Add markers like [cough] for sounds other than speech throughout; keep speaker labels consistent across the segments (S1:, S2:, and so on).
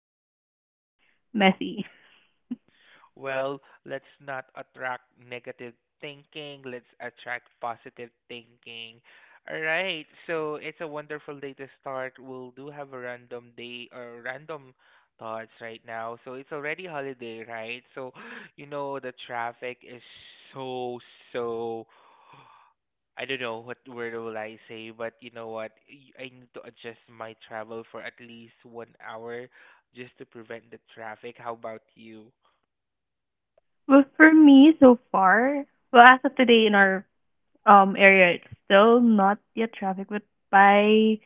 S1: um messy.
S2: Well, let's not attract negative thinking. Let's attract positive thinking. All right. So it's a wonderful day to start. We'll do have a random day or random thoughts right now. So it's already holiday, right? So [gasps] you know the traffic is so so [sighs] I don't know what word will I say, but you know what? I need to adjust my travel for at least 1 hour just to prevent the traffic. How about you?
S1: But for me, so far, well, as of today in our area, it's still not yet traffic, but by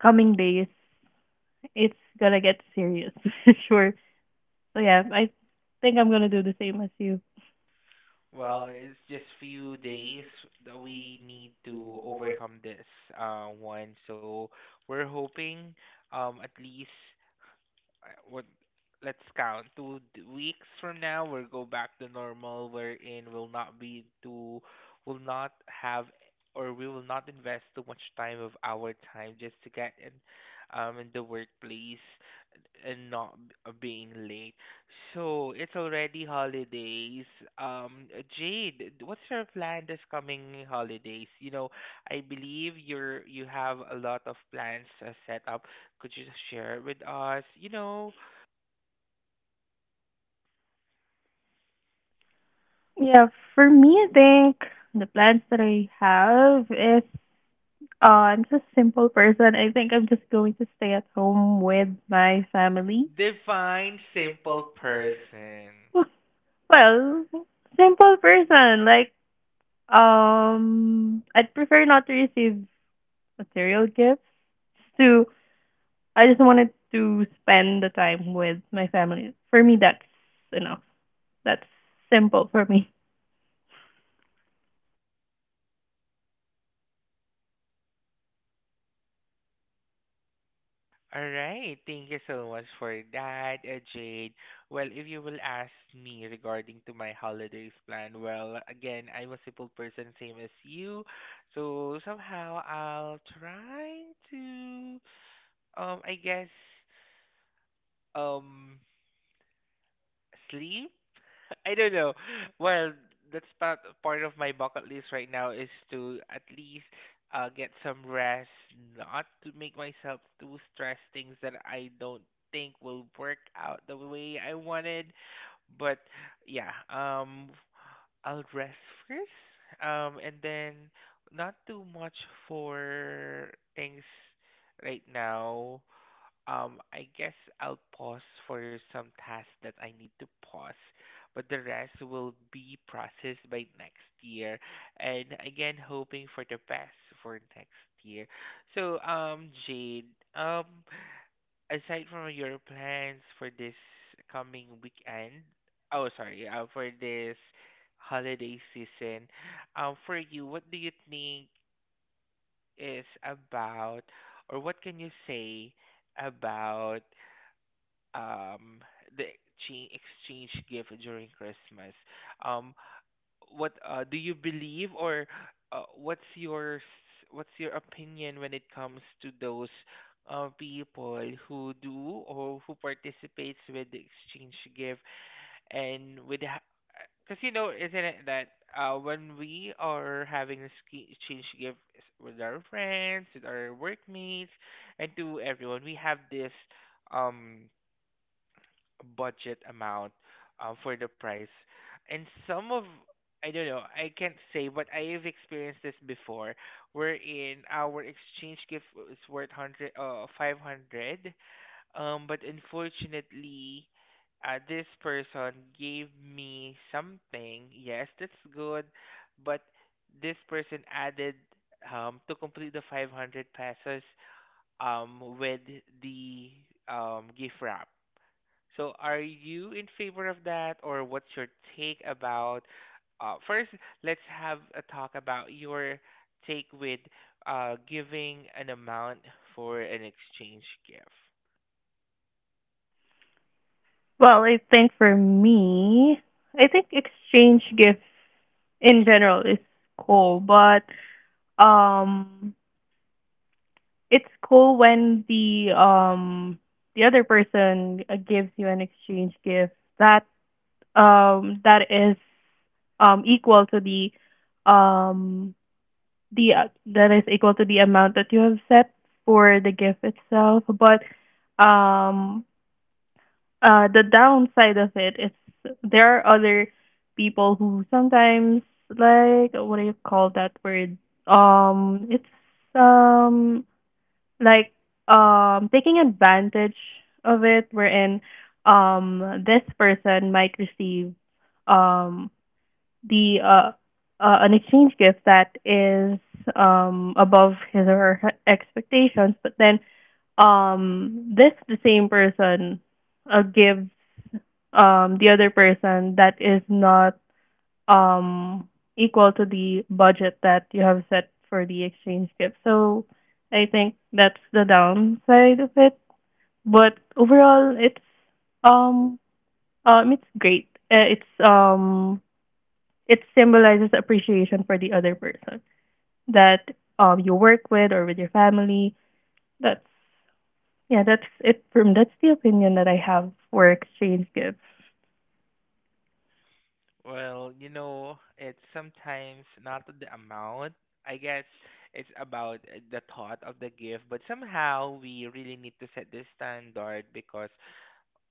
S1: coming days, it's gonna get serious. [laughs] Sure. So yeah, I think I'm gonna do the same as you.
S2: Well, it's just few days that we need to overcome this one. So we're hoping at least what let's count two weeks from now we'll go back to normal wherein we'll not be too will not have or we will not invest too much time of our time just to get in the workplace and not b- being late so it's already holidays jade what's your plan this coming holidays you know I believe you have a lot of plans set up could you share it with us? You know,
S1: Yeah, for me, I think the plans that I have is I'm just a simple person. I think I'm just going to stay at home with my family. [laughs]
S2: define simple person.
S1: Well, simple person. Like, I'd prefer not to receive material gifts. Just to, I just wanted to spend the time with my family. For me, that's enough. That's simple for me.
S2: All right. Thank you so much for that, Jade. Well, if you will ask me regarding to my holidays plan, well, again, I'm a simple person, same as you. So somehow I'll try to, I guess, um, sleep I don't know. Well, that's part of my bucket list right now is to at least get some rest, not to make myself too stressed things that I don't think will work out the way I wanted. But yeah, I'll rest first. And then not too much for things right now. I guess I'll pause for some tasks that I need to pause, but the rest will be processed by next year. And again, hoping for the best for next year. So, Jade, um, aside from your plans for this coming weekend, oh, sorry, for this holiday season, for you, what do you think is about, or what can you say about? um the exchange gift during Christmas. Um, what do you believe or what's your what's your opinion when it comes to those people who do or who participates with the exchange gift and with because you know isn't it that when we are having a exchange gift with our friends, with our workmates, and to everyone, we have this um budget amount for the price. And some of I don't know, I can't say, but I have experienced this before, wherein our exchange gift was worth hundred, 500. But unfortunately, this person gave me something. Yes, that's good, but this person added to complete the 500 pesos with the gift wrap so, are you in favor of that, or what's your take about? First, let's have a talk about your take with giving an amount for an exchange gift.
S1: Well, I think for me, I think exchange gifts in general is cool, but um, it's cool when the other person gives you an exchange gift that that is equal to um the that is equal to the amount that you have set for the gift itself, but um the downside of it is there are other people who sometimes like what do you call that word it's um like taking advantage of it wherein this person might receive um the an exchange gift that is above his or her expectations, but then this the same person gives the other person that is not um equal to the budget that you have set for the exchange gift. So I think that's the downside of it. But overall, um it's great. It symbolizes appreciation for the other person that you work with or with your family. That's yeah, that's it from that's the opinion that I have for exchange gifts.
S2: Well, you know, it's sometimes not the amount. I guess it's about the thought of the gift, but somehow we really need to set this standard because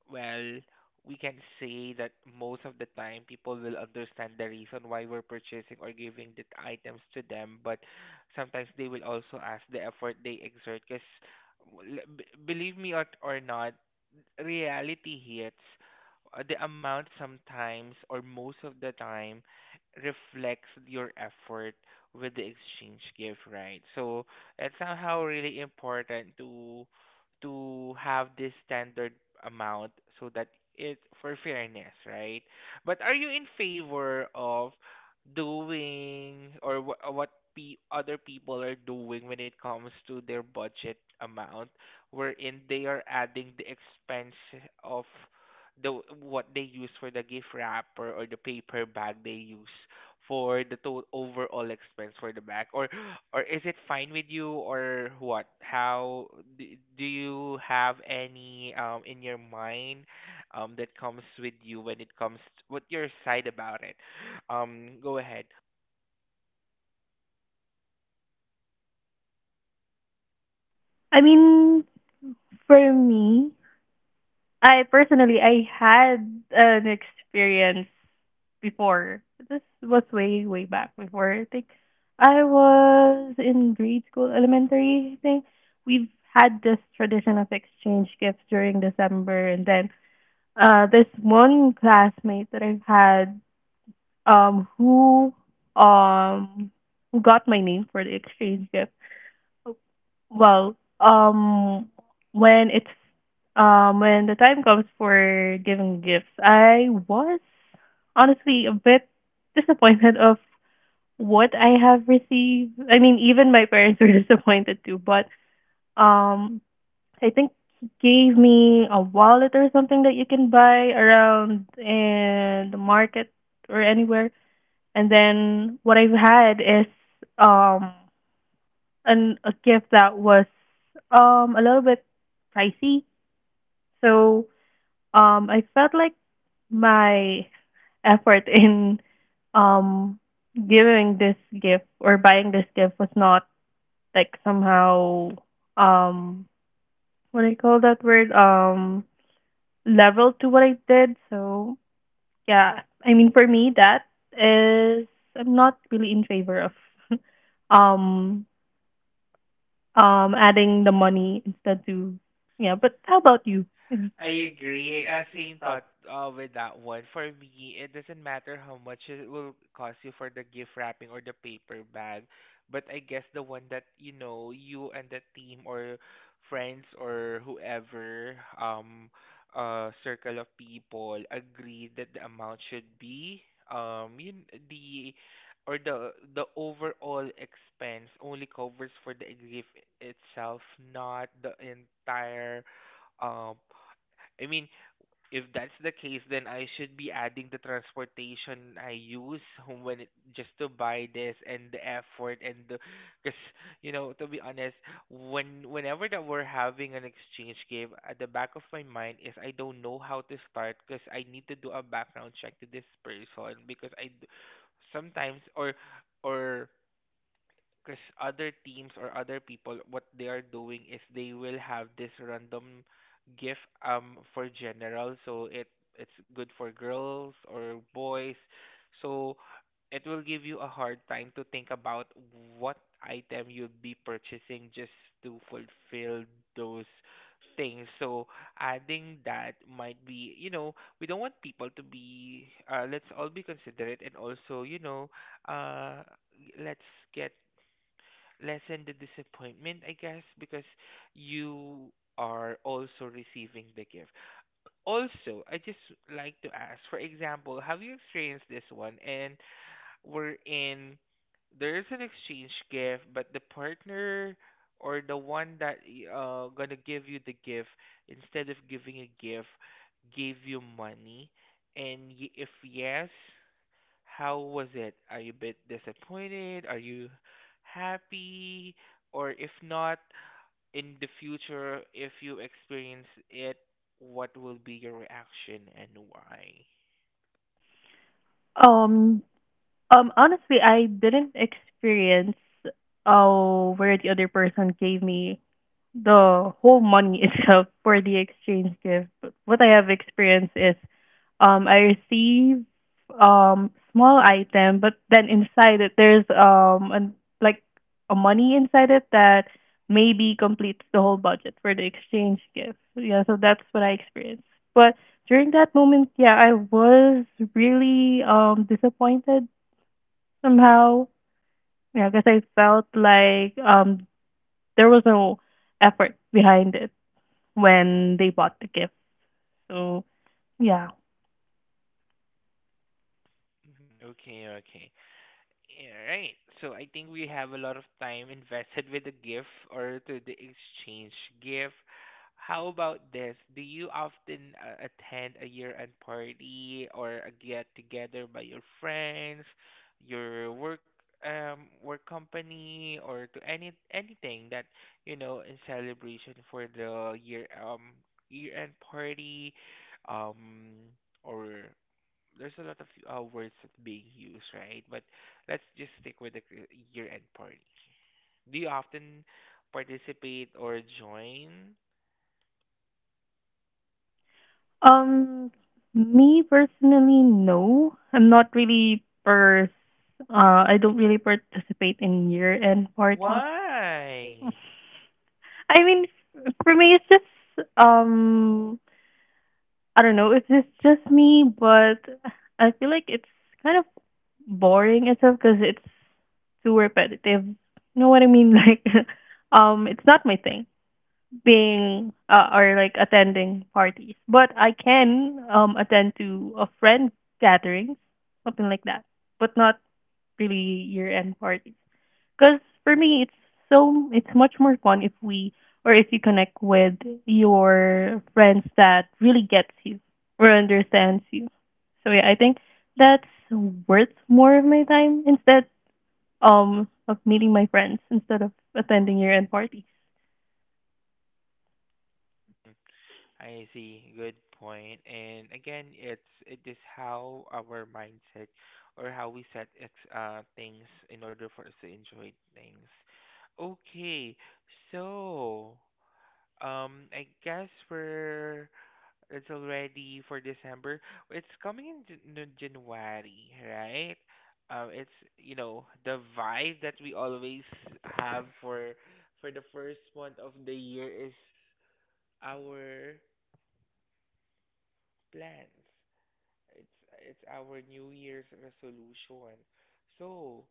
S2: well, we can say that most of the time people will understand the reason why we're purchasing or giving the items to them, but sometimes they will also ask the effort they exert because believe me or not, reality hits, the amount sometimes or most of the time reflects your effort with the exchange gift, right? So it's somehow really important to have this standard amount so that it for fairness, right? But are you in favor of doing or what other people are doing when it comes to their budget amount? Wherein they are adding the expense of the what they use for the gift wrapper or the paper bag they use for the total overall expense for the bag or is it fine with you or what how do, do you have any in your mind that comes with you when it comes to, what your side about it go ahead
S1: I mean, for me, I personally I had an experience before. This was way way back before. I think I was in grade school, elementary. I think we've had this tradition of exchange gifts during December, and then this one classmate that I've had um who um who got my name for the exchange gift. Well, when it's when the time comes for giving gifts, I was honestly a bit disappointed of what I have received. I mean, even my parents were [laughs] disappointed too, but um I think he gave me a wallet or something that you can buy around in the market or anywhere, and then what I've had is um an a gift that was a little bit pricey. So I felt like my effort in um giving this gift or buying this gift was not like somehow um what do you call that word? Level to what I did. So yeah, I mean for me that is I'm not really in favor of [laughs] um adding the money instead to, yeah, but how about you? Mhm.
S2: I agree. Same thought with that one. For me, it doesn't matter how much it will cost you for the gift wrapping or the paper bag, but I guess the one that you know you and the team or friends or whoever um circle of people agree that the amount should be you the or the overall expense only covers for the gift itself, not the entire. Um, I mean, if that's the case, then I should be adding the transportation I use home when it, just to buy this and the effort and the, because you know to be honest, when whenever that we're having an exchange game, at the back of my mind is I don't know how to start because I need to do a background check to this person because sometimes or because other teams or other people, what they are doing is they will have this random gift for general, so it's good for girls or boys. So it will give you a hard time to think about what item you'll be purchasing just to fulfill those things. So adding that might be, you know, we don't want people to be, let's all be considerate and also, you know, uh, let's get lessen the disappointment, I guess, because you are also receiving the gift. Also, I just like to ask, for example, have you experienced this one? And we're in, there is an exchange gift, but the partner or the one that gonna give you the gift, instead of giving a gift, gave you money. And if yes, how was it? Are you a bit disappointed? Are you happy? Or if not, in the future, if you experience it, what will be your reaction and why?
S1: Um Honestly, I didn't experience where the other person gave me the whole money [laughs] itself for the exchange gift. But what I have experienced is I receive small item, but then inside it there's like a money inside it that maybe completes the whole budget for the exchange gift. Yeah, so that's what I experienced. But during that moment, yeah, I was really disappointed somehow. Yeah, because I felt like there was no effort behind it when they bought the gift. So yeah.
S2: [laughs] Mhm. Okay, okay. Alright, so I think we have a lot of time invested with the gift or to the exchange gift. How about this? Do you often attend a year-end party or a get-together by your friends, your work work company, or to any anything that you know in celebration for the year year-end party, um or there's a lot of words that being used, right? But let's just stick with the year-end party. Do you often participate or join?
S1: Um Me personally, no. Uh I don't really participate in year end parties.
S2: Why?
S1: I mean, for me it's just I don't know if it's just me, but I feel like it's kind of boring itself because it's too repetitive. You know what I mean? [laughs] Like, it's not my thing being or like attending parties, but I can attend to a friend gatherings, something like that, but not really year end parties. Because for me, it's so it's much more fun if we or if you connect with your friends that really gets you or understands you. So yeah, I think that's worth more of my time instead of meeting my friends instead of attending year end parties.
S2: I see. Good point. And again, it's it is how our mindset or how we set ex things in order for us to enjoy things. Okay, so I guess we're it's already for December. It's coming in no, January, right? It's you know the vibe that we always have for the first month of the year is our plans. It's it's our New Year's resolution. So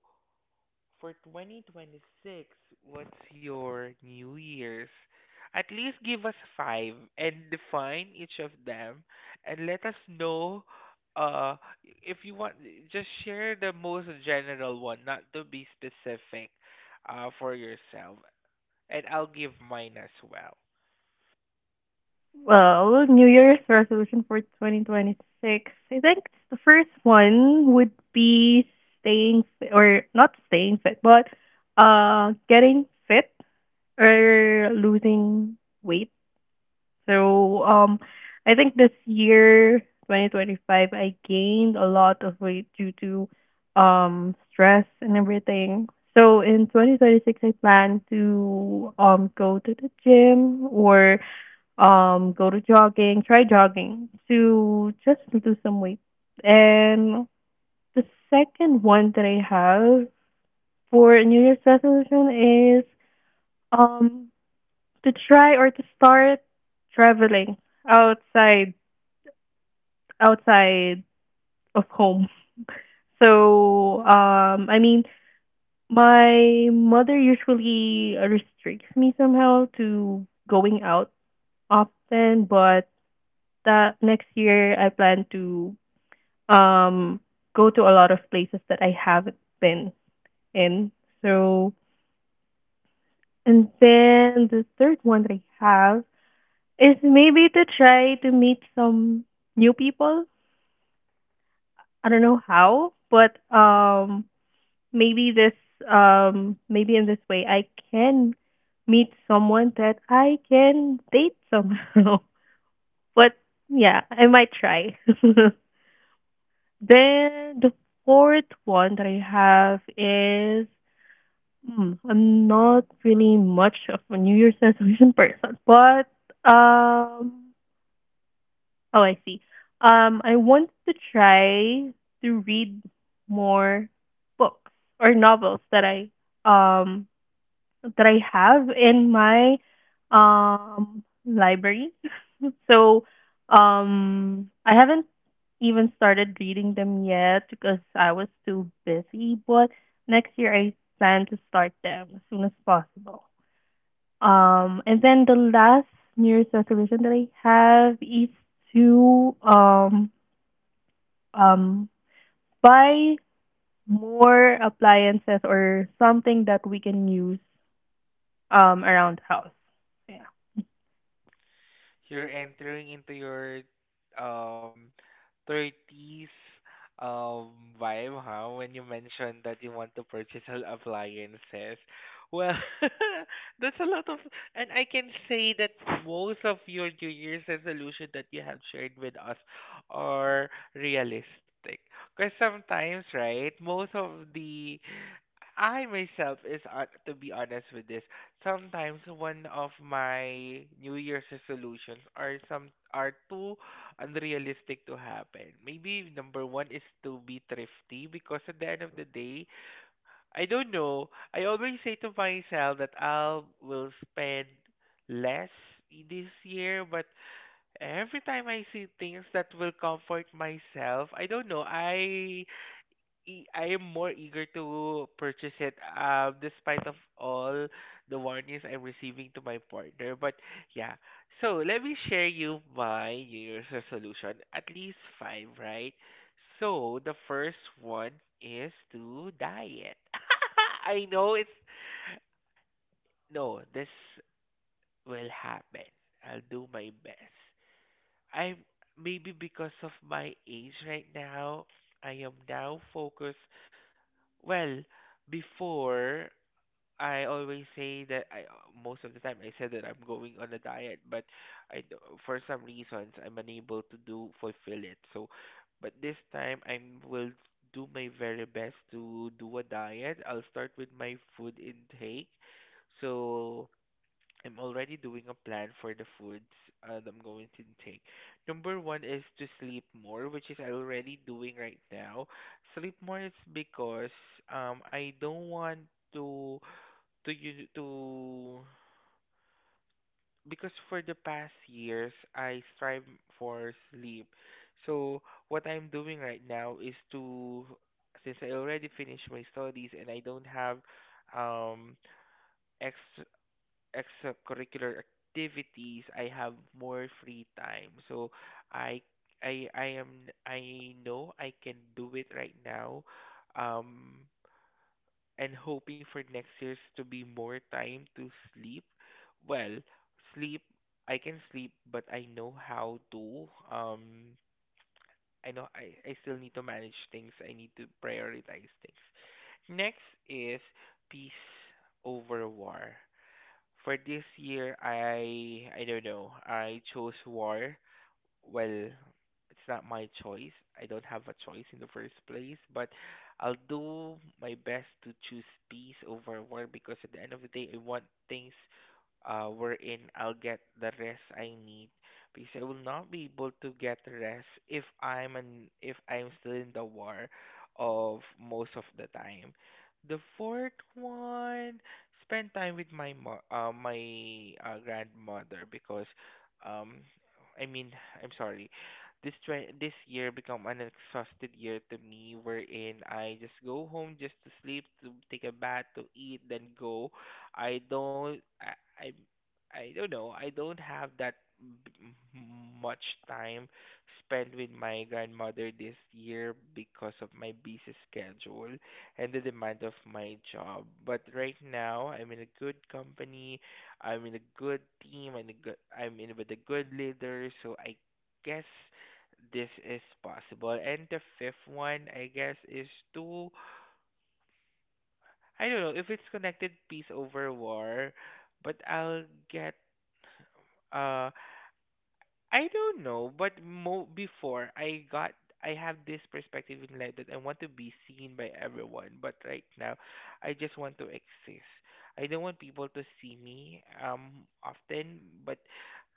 S2: for 2026, what's your New Year's? At least give us five and define each of them and let us know uh if you want just share the most general one, not to be specific for yourself. And I'll give mine as well.
S1: Well, New Year's resolution for 2026. I think the first one would be staying fit, or not staying fit, but getting fit or losing weight. So I think this year, 2025, I gained a lot of weight due to stress and everything. So in 2026, I plan to go to the gym or go to jogging, try jogging to just lose some weight. And the second one that I have for New Year's resolution is um to try or to start traveling outside outside of home. [laughs] So I mean my mother usually restricts me somehow to going out often, but that next year I plan to um go to a lot of places that I haven't been in. So, and then the third one that I have is maybe to try to meet some new people. I don't know how, but maybe this, maybe in this way, I can meet someone that I can date somehow. [laughs] But yeah, I might try. [laughs] Then the fourth one that I have is I'm not really much of a New Year's resolution [laughs] person, but um, oh, I see. I want to try to read more books or novels that um I have in my library. [laughs] So, I haven't even started reading them yet because I was too busy, but next year I plan to start them as soon as possible. And then the last New Year's resolution that I have is to um buy more appliances or something that we can use around the house. Yeah.
S2: You're entering into your um 30s um vibe, huh? When you mentioned that you want to purchase all appliances. Well, [laughs] that's a lot of, and I can say that most of your New Year's resolution that you have shared with us are realistic. Because sometimes, right, most of the I myself is to be honest with this. Sometimes one of my New Year's resolutions are some are too unrealistic to happen. Maybe number one is to be thrifty because at the end of the day, I don't know. I always say to myself that I'll spend less this year, but every time I see things that will comfort myself, I don't know. I am more eager to purchase it, despite of all the warnings I'm receiving to my partner. But yeah, so let me share you my New Year's resolution. At least five, right? So the first one is to diet. [laughs] I know it's no, this will happen. I'll do my best. I'm maybe because of my age right now, I am now focused well, before I always say that I most of the time I said that I'm going on a diet, but I d- for some reasons I'm unable to do fulfill it. So, but this time I will do my very best to do a diet. I'll start with my food intake. So I'm already doing a plan for the foods that I'm going to take. Number one is to sleep more, which is I'm already doing right now. Sleep more is because I don't want to to you to because for the past years I strive for sleep. So what I'm doing right now is to since I already finished my studies and I don't have um ex extracurricular activities, I have more free time. So I I know I can do it right now. Um and hoping for next year's to be more time to sleep. Well, sleep I can sleep but I know how to I know I still need to manage things. I need to prioritize things. Next is peace over war. For this year, I don't know. I chose war well, it's not my choice. I don't have a choice in the first place, but I'll do my best to choose peace over war because at the end of the day, I want things wherein I'll get the rest I need because I will not be able to get rest if if I'm still in the war of most of the time. The fourth one, spend time with my grandmother because um I mean, I'm sorry. This try this year become an exhausted year to me, wherein I just go home just to sleep, to take a bath, to eat, then go. I don't know. I don't have that b- m- much time spent with my grandmother this year because of my busy schedule and the demand of my job. But right now, I'm in a good company. I'm in a good team and a good I'm in with a good leader, so I guess this is possible. And the fifth one, I guess, is to I don't know if it's connected peace over war, but get uh I don't know, but mo before I got I have this perspective in life that I want to be seen by everyone, but right now I just want to exist. I don't want people to see me often, but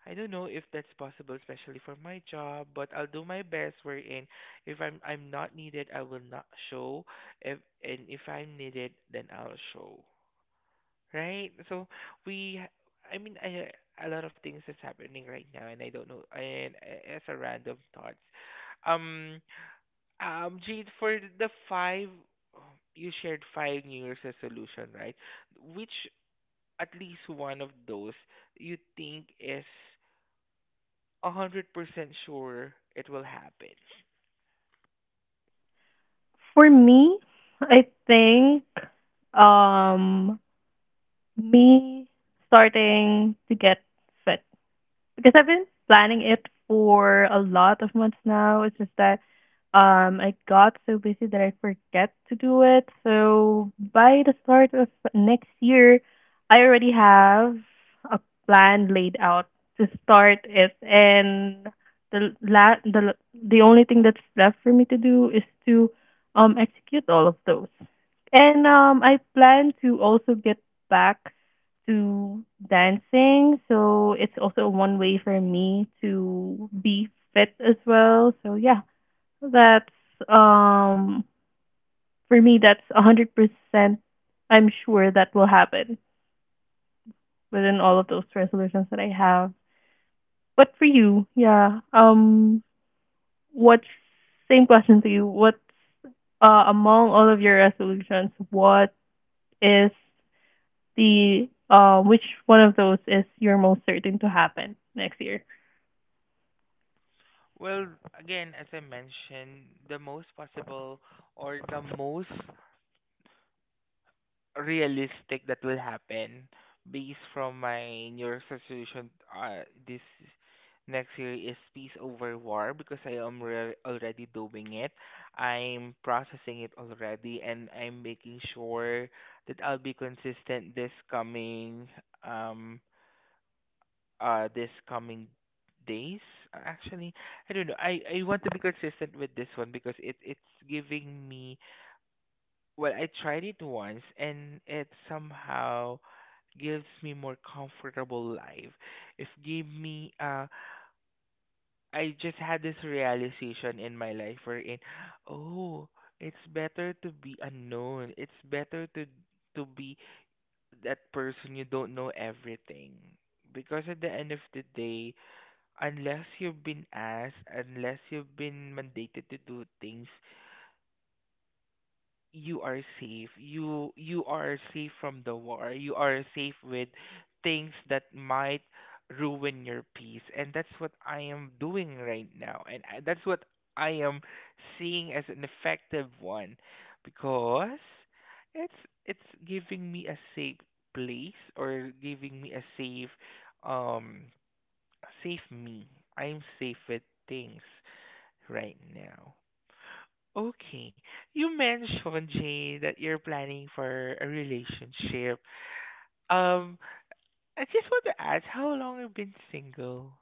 S2: I don't know if that's possible, especially for my job, but I'll do my best wherein if I'm not needed, I will not show. If and if I'm needed, then I'll show. Right? So we, I mean, a lot of things is happening right now, and I don't know. And as a random thoughts, um, Jade, for the five, you shared five New Year's resolution, right? Which at least one of those you think is 100% sure it will happen.
S1: For me, I think um me starting to get fit. Because I've been planning it for a lot of months now. It's just that I got so busy that I forget to do it. So by the start of next year, I already have a plan laid out to start it, and the la- the only thing that's left for me to do is to execute all of those. And I plan to also get back to dancing. So it's also one way for me to be fit as well. So yeah, that's um for me, that's 100% I'm sure that will happen within all of those resolutions that I have. But for you, yeah, what's same question to you. What's among all of your resolutions, what is the which one of those is you're most certain to happen next year?
S2: Well, again, as I mentioned, the most possible or the most realistic that will happen based from my New Year's resolution this next year is peace over war because already doing it. I'm processing it already and I'm making sure that I'll be consistent um this coming days. Actually, I don't know. I want to be consistent with this one because it's giving me well, I tried it once and it somehow gives me more comfortable life. If gave me I just had this realization in my life wherein oh, it's better to be unknown. It's better to be that person you don't know everything. Because at the end of the day, unless you've been asked, unless you've been mandated to do things you are safe. You are safe from the war. You are safe with things that might ruin your peace. And that's what I am doing right now. And that's what I am seeing as an effective one because it's it's giving me a safe place or giving me a safe um safe me. I'm safe with things right now. Okay. You mentioned, Jane, that you're planning for a relationship. Um, I just want to ask, how long have you been single?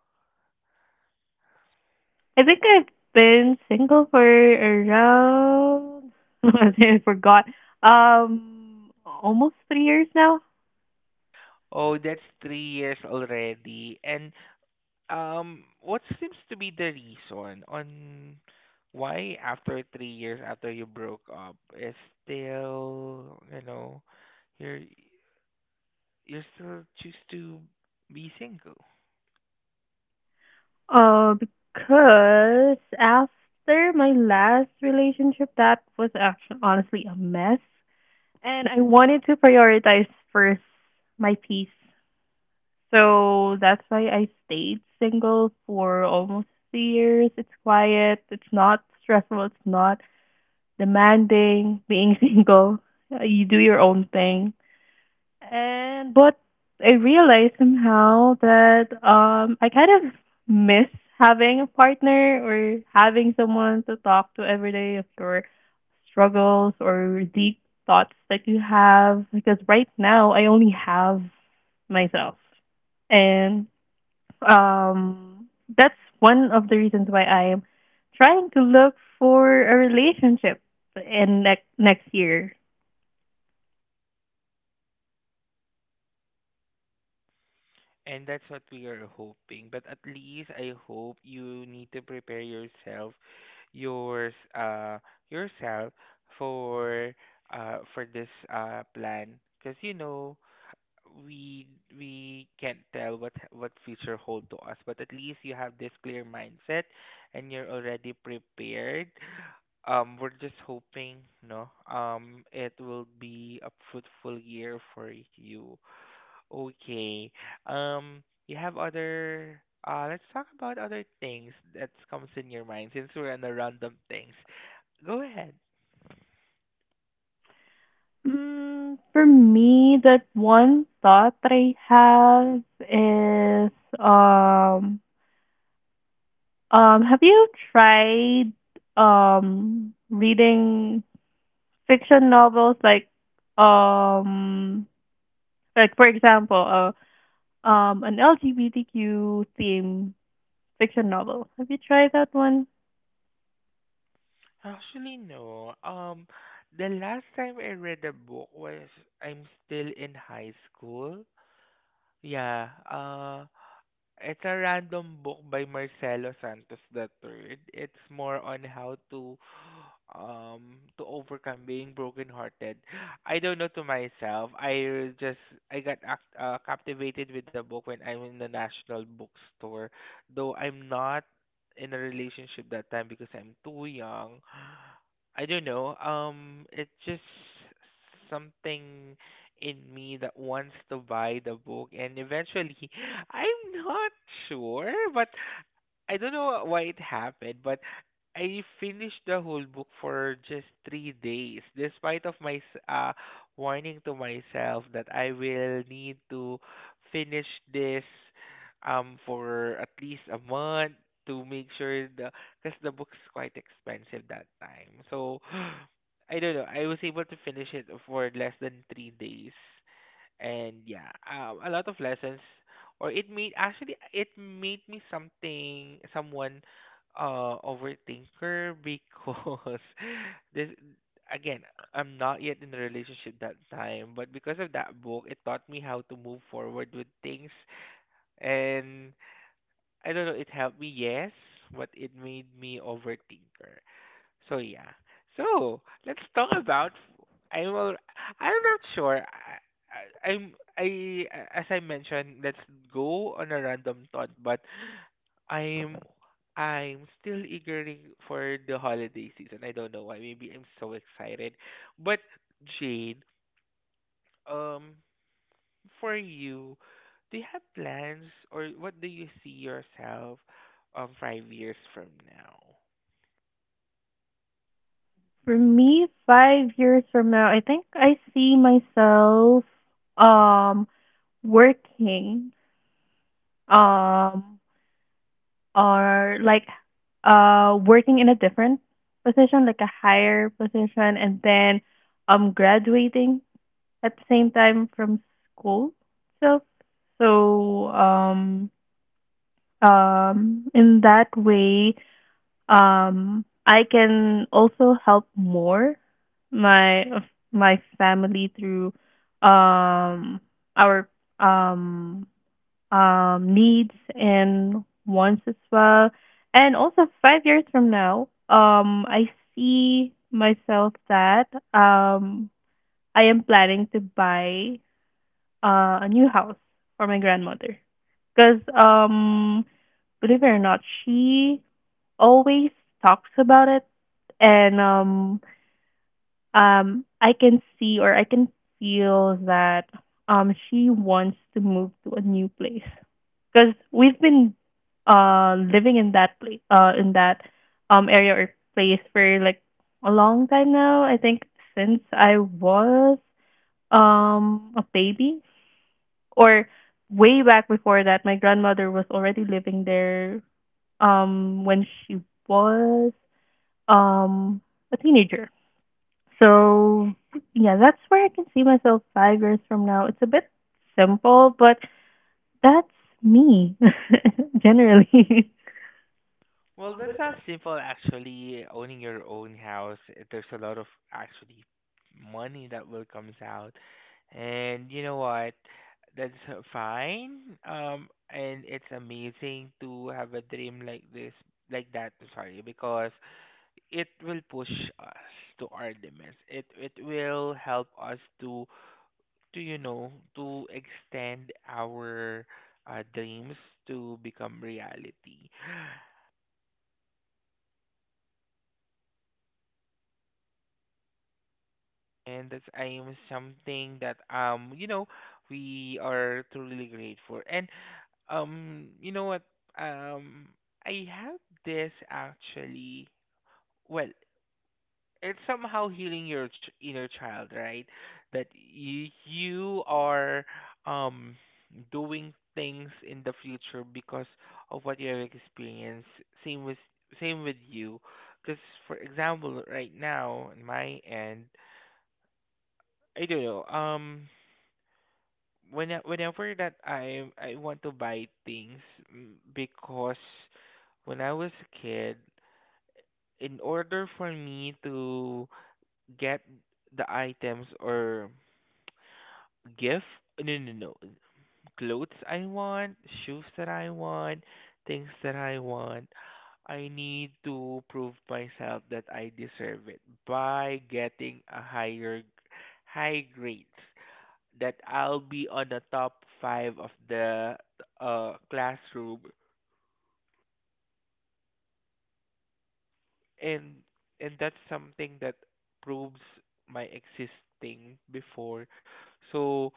S1: I think I've been single for around [laughs] I forgot. Almost 3 years now.
S2: Oh, that's 3 years already. And what seems to be the reason on why after 3 years after you broke up is still, you know, you're you're still choose to be single?
S1: Because after my last relationship that was actually honestly a mess, and I wanted to prioritize first my peace. So that's why I stayed single for almost 3 years. It's quiet, it's not stressful, it's not demanding, being [laughs] single. You do your own thing. And but I realized somehow that I kind of miss having a partner or having someone to talk to every day of your struggles or deep thoughts that you have, because right now I only have myself. And um, that's one of the reasons why I'm trying to look for a relationship in next year.
S2: And that's what we are hoping. But at least I hope you need to prepare yourself, yours, uh, yourself for, for this plan. Because you know, we we can't tell what future hold to us. But at least you have this clear mindset, and you're already prepared we're just hoping, no, it will be a fruitful year for you. Okay. You have other, let's talk about other things that comes in your mind since we're on the random things. Go ahead.
S1: Mm, for me, that one thought that I have is um have you tried reading fiction novels, like um for example, an LGBTQ theme fiction novel. Have you tried that one?
S2: Actually, no. The last time I read a book was I'm still in high school. Yeah. It's a random book by Marcelo Santos the Third. It's more on how to overcome being brokenhearted. I don't know to myself. I got captivated with the book when I'm in the National Bookstore. Though I'm not in a relationship that time because I'm too young. I don't know. It's just something in me that wants to buy the book and eventually I'm not sure, but I don't know why it happened, but I finished the whole book for just 3 days, despite of warning to myself that I will need to finish this for at least a month to make sure the because the book's quite expensive that time. So [gasps] I don't know. I was able to finish it for less than 3 days and yeah, a lot of lessons, or it made actually it made me something someone overthinker because [laughs] this again I'm not yet in a relationship that time, but because of that book, it taught me how to move forward with things, and I don't know, it helped me yes, but it made me overthinker. So yeah. So let's talk about. I'm al- I'm not sure. I, I'm I As I mentioned. Let's go on a random thought, but I'm I'm still eagering for the holiday season. I don't know why. Maybe I'm so excited. But Jane, um, for you, do you have plans or what do you see yourself 5 years from now?
S1: For me, 5 years from now, I think I see myself um working um or like working in a different position, like a higher position, and then graduating at the same time from school itself. So in that way, I can also help more my of my family through um our um needs and wants as well. And also 5 years from now, I see myself that I am planning to buy a new house for my grandmother, because believe it or not, she always talks about it, and I can see or I can feel that she wants to move to a new place because we've been living in that place in that area or place for like a long time now. I think since I was a baby, or way back before that, my grandmother was already living there when she was um a teenager. So yeah, that's where I can see myself 5 years from now. It's a bit simple, but that's me [laughs] generally.
S2: Well, that's not simple actually. Owning your own house, eh, there's a lot of actually money that will comes out. And you know what? That's fine. And it's amazing to have a dream like this, like that, sorry, because it will push us to our limits. It will help us to you know to extend our dreams to become reality. And that's I am something that you know we are truly grateful. And you know what, um I have this actually well it's somehow healing your inner child right that you are um doing things in the future because of what you have experienced same with same with you because for example right now in my end I don't know when whenever that I want to buy things, because when I was a kid, in order for me to get the items or gift, no, clothes I want, shoes that I want, things that I want, I need to prove myself that I deserve it by getting a high grades that I'll be on the top five of the classroom and that's something that proves my existing before, so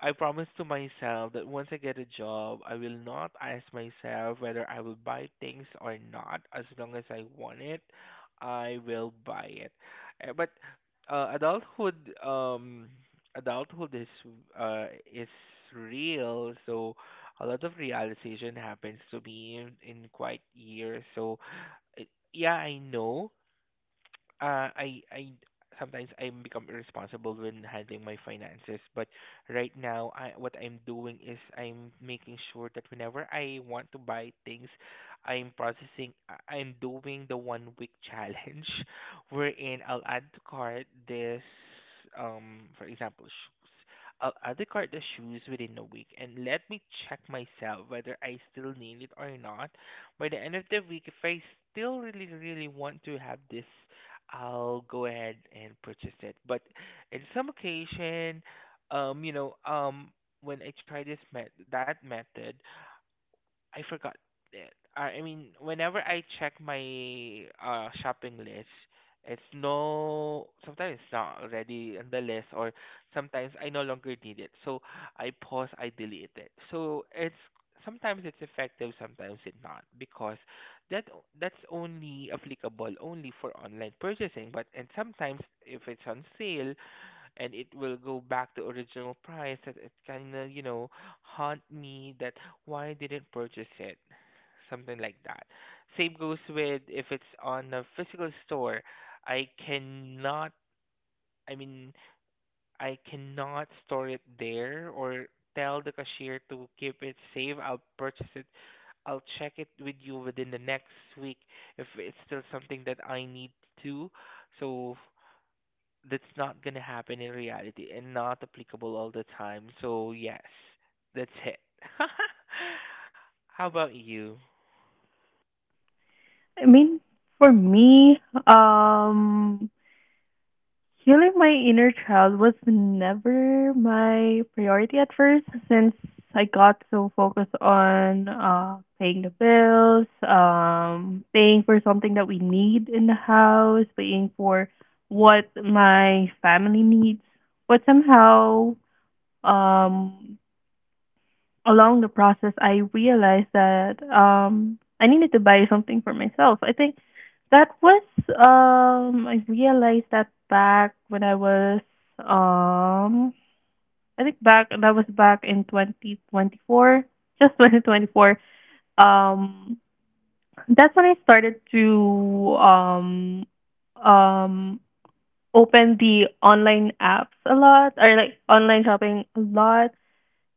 S2: I promised to myself that once I get a job I will not ask myself whether I will buy things or not, as long as I want it I will buy it. But adulthood um adulthood is uh is real, so a lot of realization happens to me in quite years so it, yeah, I know. I sometimes I become irresponsible when handling my finances, but right now I what I'm doing is I'm making sure that whenever I want to buy things, I'm doing the 1 week challenge [laughs] wherein I'll add to cart this for example shoes. I'll add to cart the shoes within a week and let me check myself whether I still need it or not. By the end of the week, if I still really really want to have this I'll go ahead and purchase it. But in some occasion, you know, when I try this met that method, I forgot it. I mean, whenever I check my shopping list, it's no, sometimes it's not already on the list, or sometimes I no longer need it. So I pause, I delete it. So it's sometimes it's effective, sometimes it's not, because that's only applicable only for online purchasing. But and sometimes if it's on sale, and it will go back to original price that it kind of haunt me that why I didn't purchase it, something like that. Same goes with if it's on a physical store. I cannot i mean I cannot store it there or tell the cashier to keep it safe. I'll purchase it, I'll check it with you within the next week if it's still something that I need to. So that's not going to happen in reality and not applicable all the time. So, yes, that's it. [laughs] How about you?
S1: [laughs] I mean, for me, um healing my inner child was never my priority at first, since I got so focused on paying the bills, paying for something that we need in the house, paying for what my family needs. But somehow, um, along the process, I realized that I needed to buy something for myself. I think that was I realized that back when I was um, I think back that was back in 2024, [laughs] just 2024. Um, that's when I started to um, open the online apps a lot, or like online shopping a lot,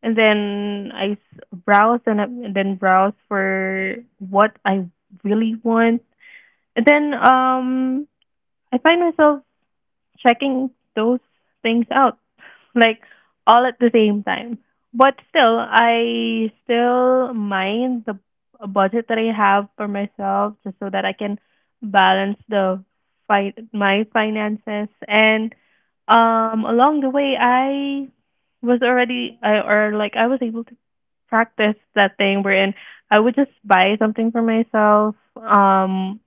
S1: and then browse and then browse for what I really want. And then I find myself checking those things out, like, all at the same time, but still, I still mind the budget that I have for myself, just so that I can balance the my finances. And along the way, I was already or like I was able to practice that thing wherein I would just buy something for myself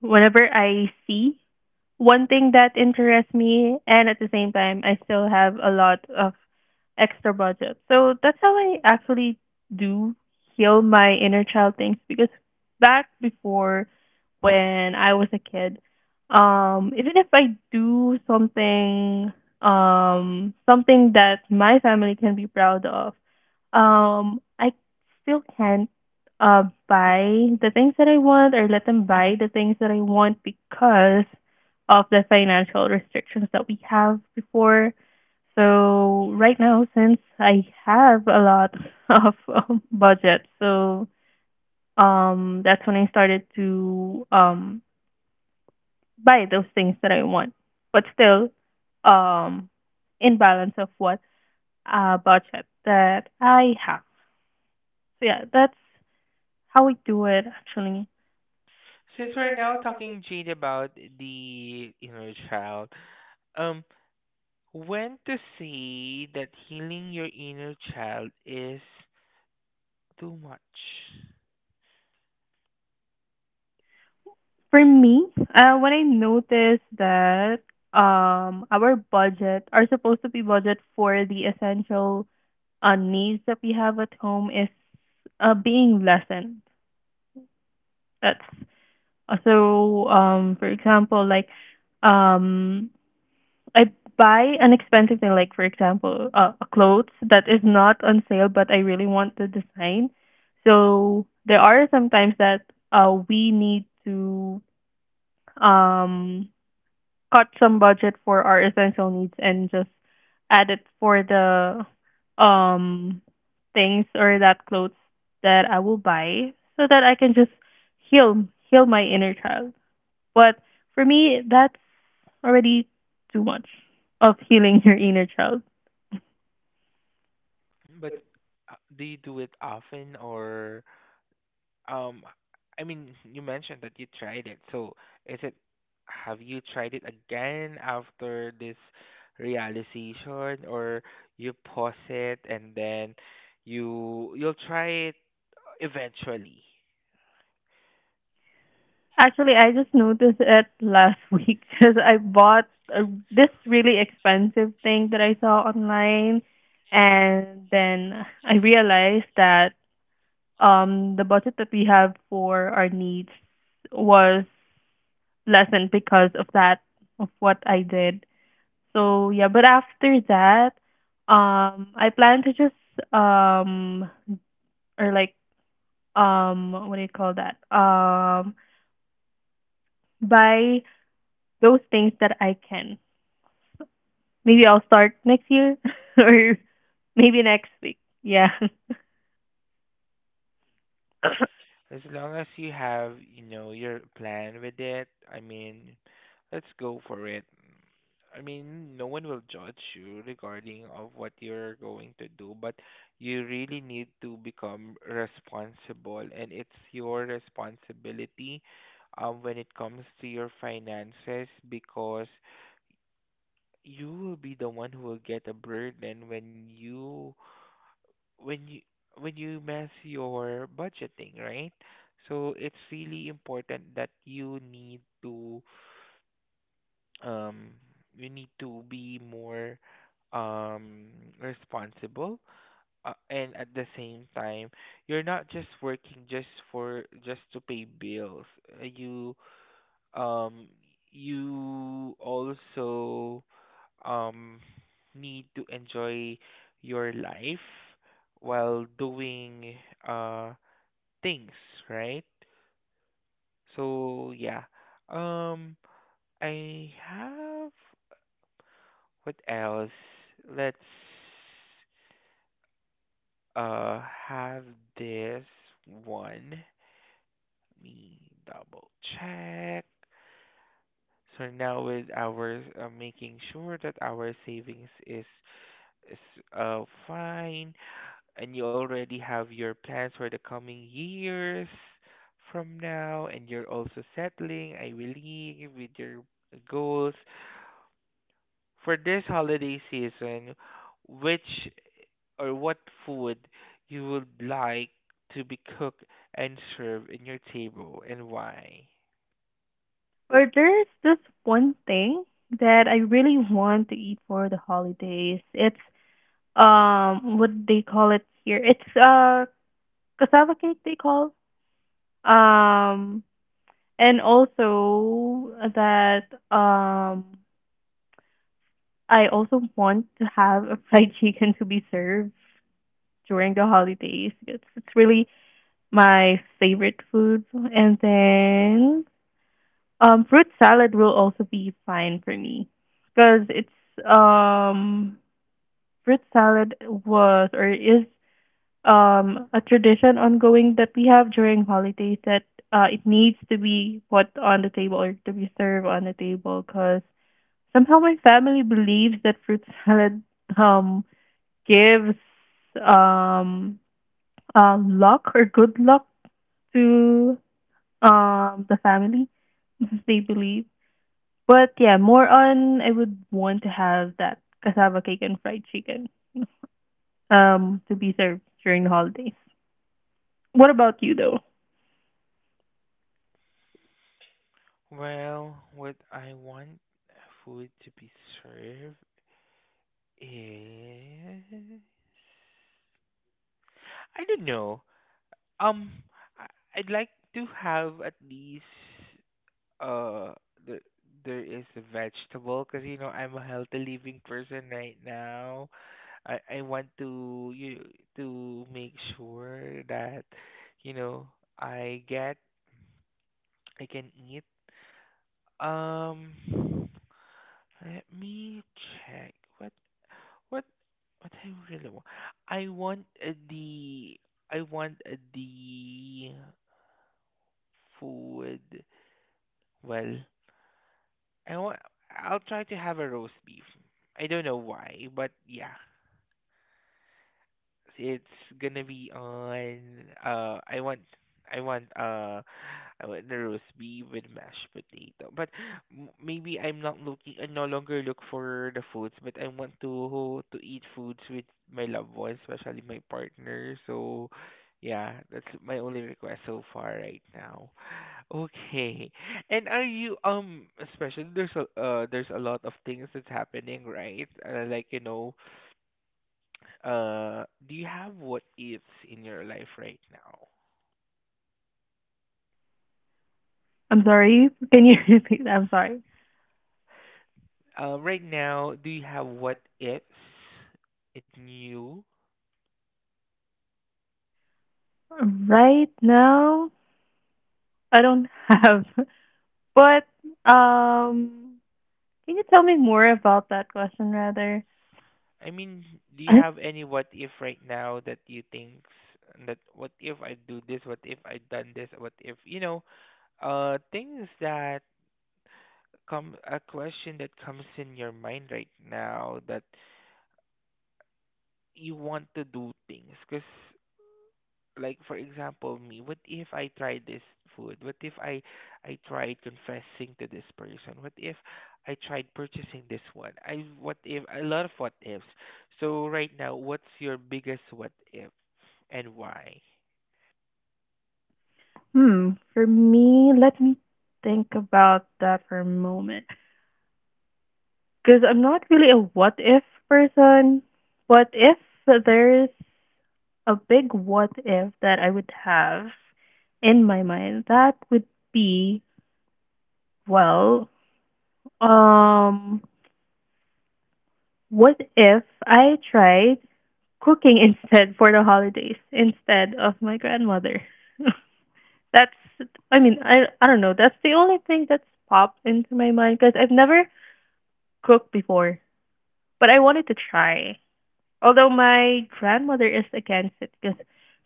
S1: whenever I see one thing that interests me, and at the same time I still have a lot of extra budget. So that's how I actually do heal my inner child things, because back before, when I was a kid, even if I do something, something that my family can be proud of, I still can't buy the things that I want, or let them buy the things that I want, because of the financial restrictions that we have before. So right now, since I have a lot [laughs] of budget, so that's when I started to buy those things that I want, but still um, in balance of what budget that I have. So yeah, that's how we do it actually.
S2: Since we're now talking, Jade, about the inner child, um, when to say that healing your inner child is too much?
S1: For me, when I noticed that our budget are supposed to be budget for the essential needs that we have at home is being lessened. That's for example, like, um, I buy an expensive thing, like, for example, clothes that is not on sale, but I really want the design. So there are sometimes that we need to um cut some budget for our essential needs and just add it for the um things or that clothes that I will buy, so that I can just heal heal my inner child. But for me, that's already too much of healing your inner child.
S2: But do you do it often? Or Um, I mean, you mentioned that you tried it. So, is it, have you tried it again after this realization, or you pause it and then you'll try it eventually?
S1: Actually, I just noticed it last [laughs] week, because I bought a, this really expensive thing that I saw online, and then I realized that the budget that we have for our needs was lessened because of that, of what I did. So yeah, but after that, I plan to just or like what do you call that? Buy those things that I can. Maybe I'll start next year, [laughs] or maybe next week. Yeah. [laughs]
S2: As long as you have, you know, your plan with it, I mean, let's go for it. I mean, no one will judge you regarding of what you're going to do, but you really need to become responsible, and it's your responsibility, when it comes to your finances, because you will be the one who will get a burden when you when you when you mess your budgeting, right? So it's really important that um you need to be more um responsible, and at the same time you're not just working just for just to pay bills. You, um, you also, um, need to enjoy your life while doing, uh, things, right? So yeah, um, I have, what else? Let's uh have this one. Let me double check. So now with our, making sure that our savings is fine and you already have your plans for the coming years from now, and you're also settling, I believe, with your goals for this holiday season, which or what food you would like to be cooked and served in your table, and why.
S1: Or there's this one thing that I really want to eat for the holidays. It's what they call it here. It's cassava cake, they call. Um and also that, um I also want to have a fried [laughs] chicken to be served during the holidays. It's really my favorite food. And then fruit salad will also be fine for me, because it's um fruit salad was, or is, a tradition ongoing that we have during holidays, that it needs to be put on the table, or to be served on the table, because somehow my family believes that fruit [laughs] salad um gives um luck, or good luck, to the family, [laughs] they believe. But yeah, more on, I would want to have that cassava cake and fried chicken to be served during the holidays. What about you though?
S2: Well, what I want food to be served is, I don't know. Um, I- I'd like to have at least uh the there is a vegetable, because you know I'm a healthy living person right now. I want to you to make sure that, you know, I get I can eat. Um, let me check what what I really want. I want the I want the food. Well, I want, I'll try to have a roast beef. I don't know why, but yeah, it's gonna be on, uh I want uh, I want the roast beef with mashed potato. But maybe I no longer look for the foods, but I want to eat foods with my loved ones, especially my partner. So yeah, that's my only request so far right now. Okay. And are you, especially there's a lot of things that's happening, right? Like, you know, do you have what ifs in your life right now?
S1: I'm sorry. Can you [laughs] repeat? That? I'm sorry.
S2: Right now, do you have what ifs in you?
S1: Right now, I don't have. [laughs] But um can you tell me more about that question rather?
S2: I mean, do you
S1: I,
S2: have any what if right now that you think, that what if I do this, what if I done this, what if, you know, things that come, a question that comes in your mind right now, that you want to do things. Because, like for example me, what if I try this food, what if i tried confessing to this person, what if I tried purchasing this one, I what if, a lot of what ifs. So right now, what's your biggest what if, and why?
S1: hmm, for me, let me think about that for a moment. Because I'm not really a what if person. What if there's a big what if that I would have in my mind? That would be, well, um, what if I tried cooking [laughs] instead for the holidays, instead of my grandmother? [laughs] That's, I mean, I don't know. That's the only thing that's popped into my mind, because I've never cooked before, but I wanted to try. Although my grandmother is against it, because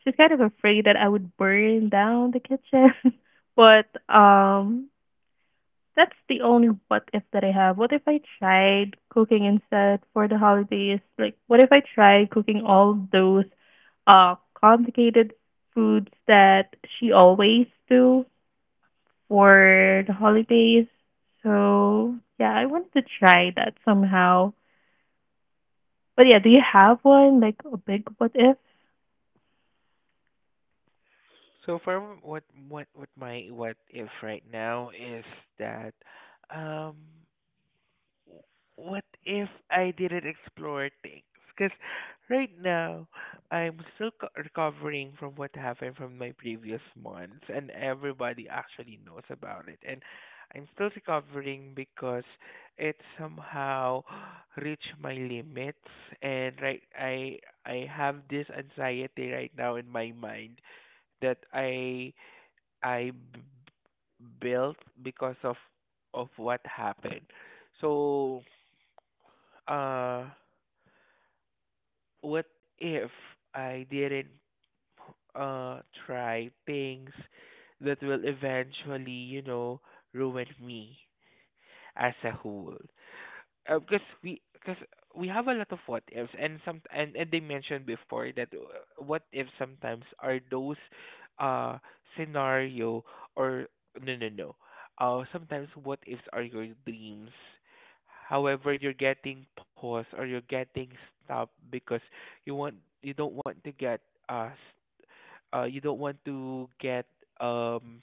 S1: she's kind of afraid that I would burn down the kitchen. [laughs] But that's the only what if that I have. What if I tried cooking instead for the holidays? Like, what if I tried cooking all those complicated foods that she always do for the holidays? So yeah, I wanted to try that somehow. But yeah, do you have one, like a big what if?
S2: So for m- what my what if right now is that, um what if I didn't explore things? Because right now, recovering from what happened from my previous months, and everybody actually knows about it. And I'm still recovering because it somehow [gasps] reached my limits. And right, I have this anxiety right now in my mind that I built, because of what happened. So uh what if I didn't uh try things that will eventually, you know, ruin me as a whole? Because we have a lot of what ifs, and some, and they mentioned before that, what if sometimes are those uh scenario, or no no no sometimes what ifs are your dreams, however you're getting paused or you're getting stopped, because you want, you don't want to get uh s- you don't want to get um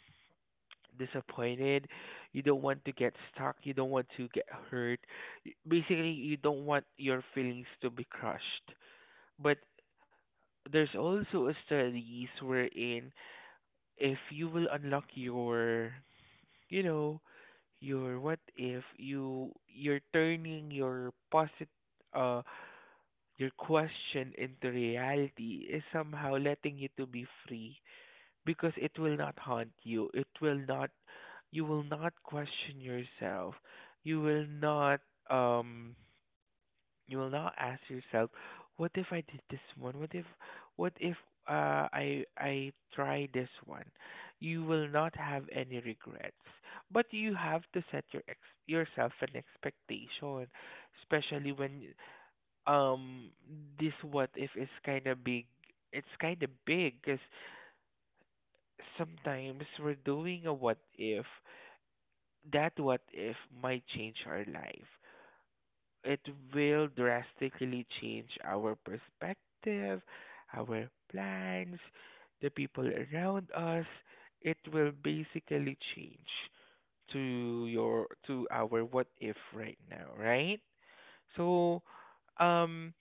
S2: disappointed. You don't want to get stuck. You don't want to get hurt. Basically, you don't want your feelings to be crushed. But there's also a studies wherein if you will unlock your, you know, your what if, you're turning your posit uh your question into reality, is somehow letting you to be free, because it will not haunt you. It will not, you will not question yourself. You will not, um, you will not ask yourself, what if I did this one? What if I try this one? You will not have any regrets. But you have to set your yourself an expectation, especially when, um, this what if is kind of big. It's kind of big because sometimes we're doing a what if, that what if might change our life. It will drastically change our perspective, our plans, the people around us. It will basically change to our what if right now, right? So, um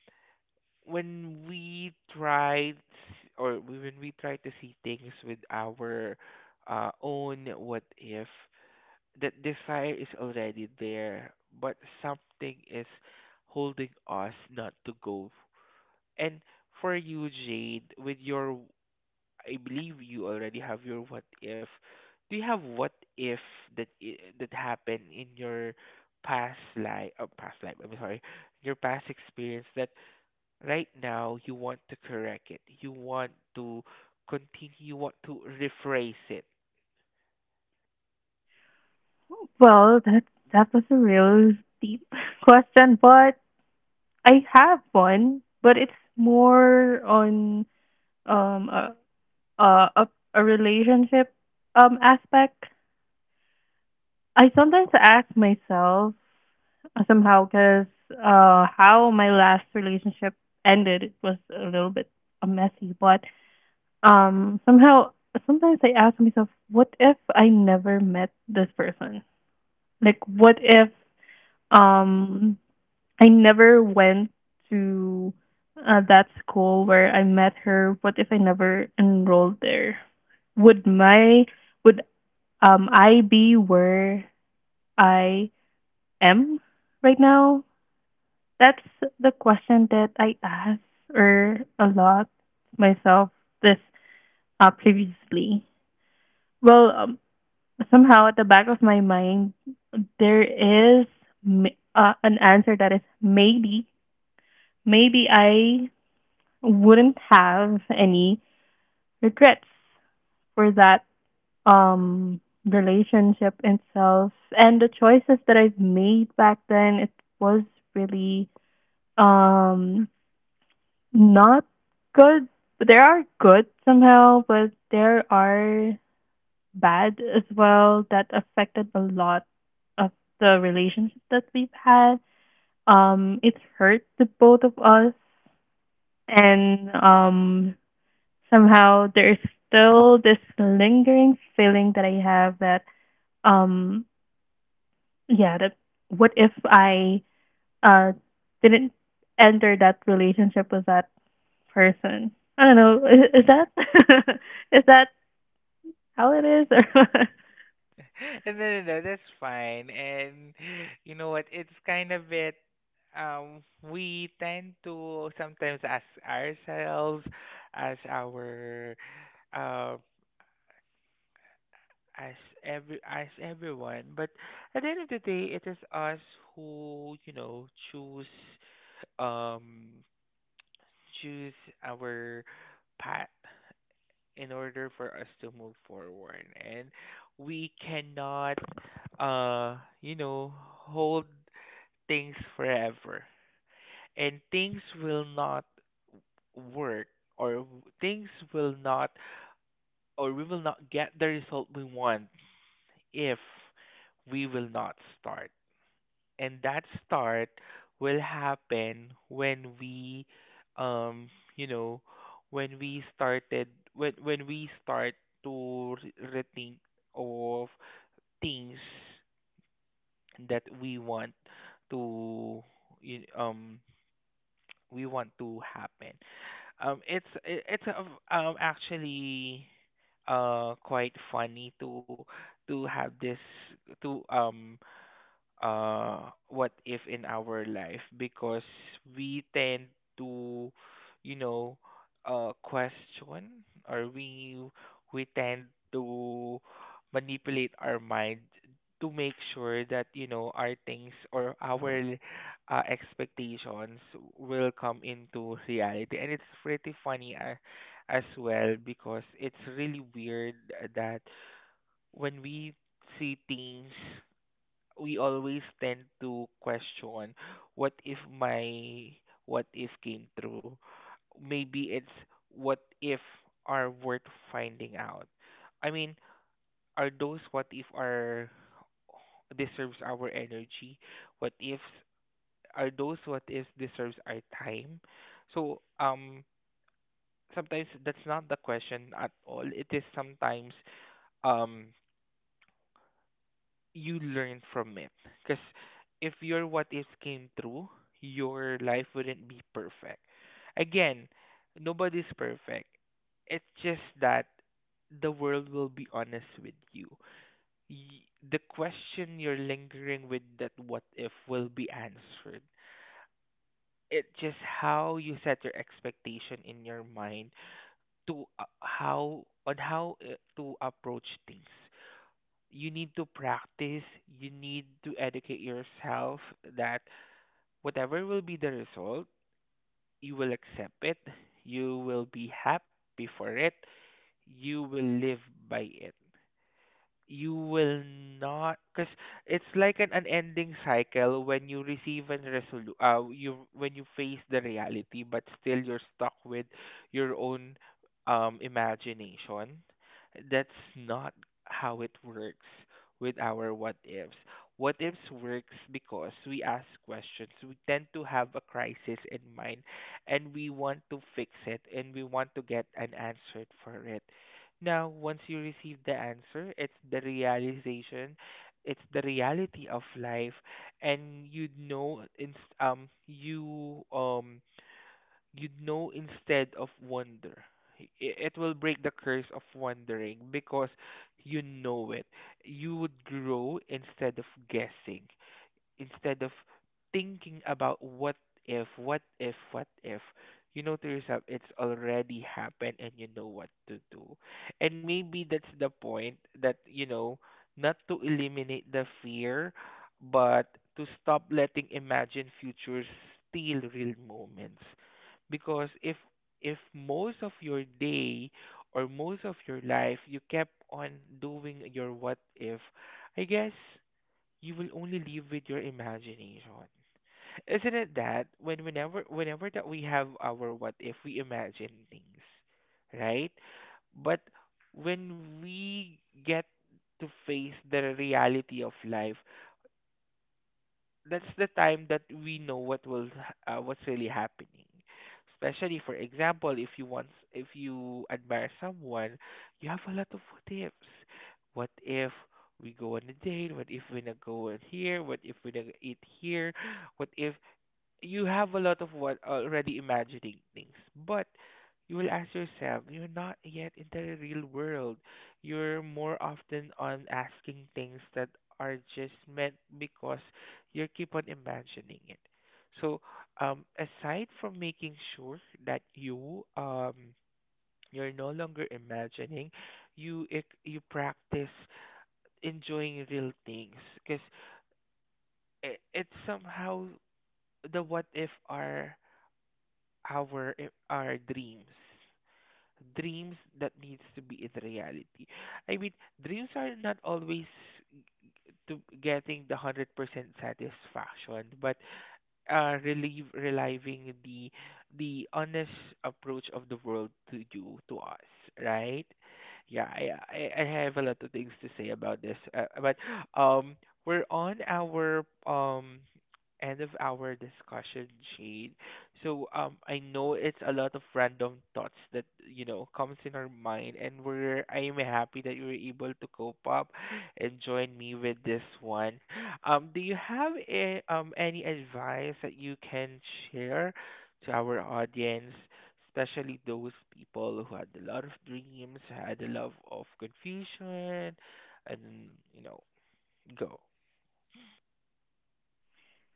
S2: when we try, when we try to see things with our, own what if, that desire is already there, but something is holding us not to go. And for you, Jade, with your, I believe you already have your what if. Do you have what if that that happened in your past life, I'm sorry, your past experience, that right now you want to correct it, you want to continue, you want to rephrase it?
S1: Well, that was a real deep [laughs] question, but I have one, but it's more on a a a, a relationship aspect. I sometimes ask myself, somehow, because how my last relationship ended, it was a little bit messy, but somehow, sometimes I ask myself, what if I never met this person? Like, what if um I never went to that school where I met her. What if I never enrolled there? Would my would I be where I am right now? That's the question that I ask, or a lot, myself this previously. Well, somehow at the back of my mind there is m- an answer that is, maybe I wouldn't have any regrets for that um relationship itself, and the choices that I've made back then, it was really um not good, but there are good somehow, but there are bad as well, that affected a lot of the relationship that we've had. It hurt the both of us, and somehow there is still this lingering feeling that I have, that um yeah, that what if I uh didn't enter that relationship with that person? I don't know. Is that [laughs] is that how it is? [laughs]
S2: [laughs] And no, no, no, that's fine. And you know what, it's kind of bit, um we tend to sometimes ask ourselves as our, uh as as everyone. But at the end of the day, it is us who, you know, choose, um choose our path, in order for us to move forward. And we cannot, you know, hold things forever, and things will not work, things will not, or we will not get the result we want, if we will not start. And that start will happen when we, um you know, when we started when we start to rethink of things that we want to y- um we want to happen. It's it- it's a v- Actually, quite funny to have this, to what if, in our life, because we tend to, you know, question, or we tend to manipulate our mind to make sure that, you know, our things or our, expectations will come into reality. And it's pretty funny, as well, because it's really weird that when we see things, we always tend to question, what if my what if came true? Maybe it's, what if are worth finding out, I mean, are those what if are deserves our energy? What if, are those what if deserves our time? So, sometimes that's not the question at all. It is sometimes, um you learn from it. Because if your what ifs came true, your life wouldn't be perfect. Again, nobody's perfect. It's just that the world will be honest with you. The question you're lingering with, that what if, will be answered. It's just how you set your expectation in your mind, to how, on how, to approach things. You need to practice, you need to educate yourself, that whatever will be the result, you will accept it, you will be happy for it, you will live by it. You will not, because it's like an unending cycle when you receive and resolu you when you face the reality, but still you're stuck with your own, imagination. That's not how it works with our what ifs. What ifs works because we ask questions, we tend to have a crisis in mind, and we want to fix it, and we want to get an answer for it. Now, once you receive the answer, it's the realization, it's the reality of life, and you'd know in, um you um you'd know, instead of wonder. It will break the curse of wondering, because you know it. You would grow, instead of guessing, instead of thinking about, what if, what if, what if. You know to yourself it's already happened, and you know what to do. And maybe that's the point, that, you know, not to eliminate the fear, but to stop letting imagine futures steal real moments. Because if most of your day or most of your life you kept on doing your what if, I guess you will only live with your imagination. Isn't it that whenever that we have our what if, we imagine things, right? But when we get to face the reality of life, that's the time that we know what will, what's really happening, especially for example, if you want, if you admire someone, you have a lot of what ifs. What if we go on a date, what if we're gonna go on here, what if we're gonna eat here, what if, you have a lot of what, already imagining things, but you will ask yourself, you're not yet in the real world. You're more often on asking things that are just meant, because you keep on imagining it. So, aside from making sure that you you're no longer imagining, you you practice enjoying real things, because it, it's somehow the what if are our our dreams, dreams that needs to be in reality. I mean, dreams are not always to getting the 100% satisfaction, but, relieve reliving the honest approach of the world to you, to us, right? Yeah, I have a lot of things to say about this, but, um we're on our, end of our discussion, shade. So, I know it's a lot of random thoughts that, you know, comes in our mind, and we're I'm happy that you were able to cope up and join me with this one. Do you have a, any advice that you can share to our audience, especially those people who had a lot of dreams, had a love of confusion, and, you know, go.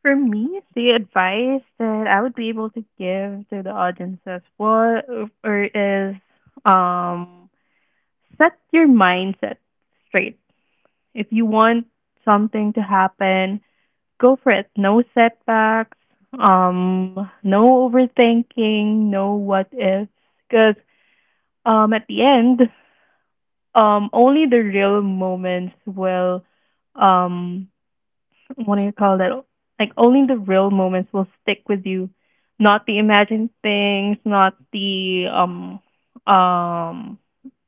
S1: Or for me, the advice that I would be able to give to the audience as well, or is, um set your mindset straight. If you want something to happen, go for it. No setbacks, no overthinking, no what ifs. Because at the end, only the real moments will, um, what do you call that? Like, only the real moments will stick with you, not the imagined things, not the um,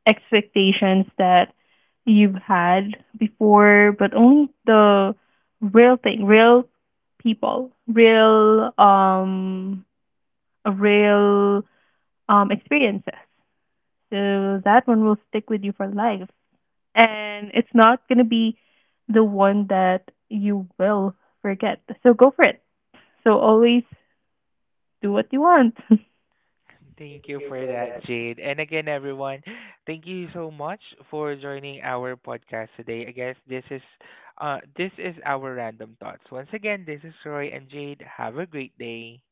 S1: expectations that you've had before, but only the real thing, real people, real a real experiences. So that one will stick with you for life. And it's not gonna be the one that you will forget. So go for it. So always do what you want. [laughs]
S2: Thank you for that, Jade. And again, everyone, thank you so much for joining our podcast today. I guess this is our random thoughts. Once again, this is Roy and Jade. Have a great day.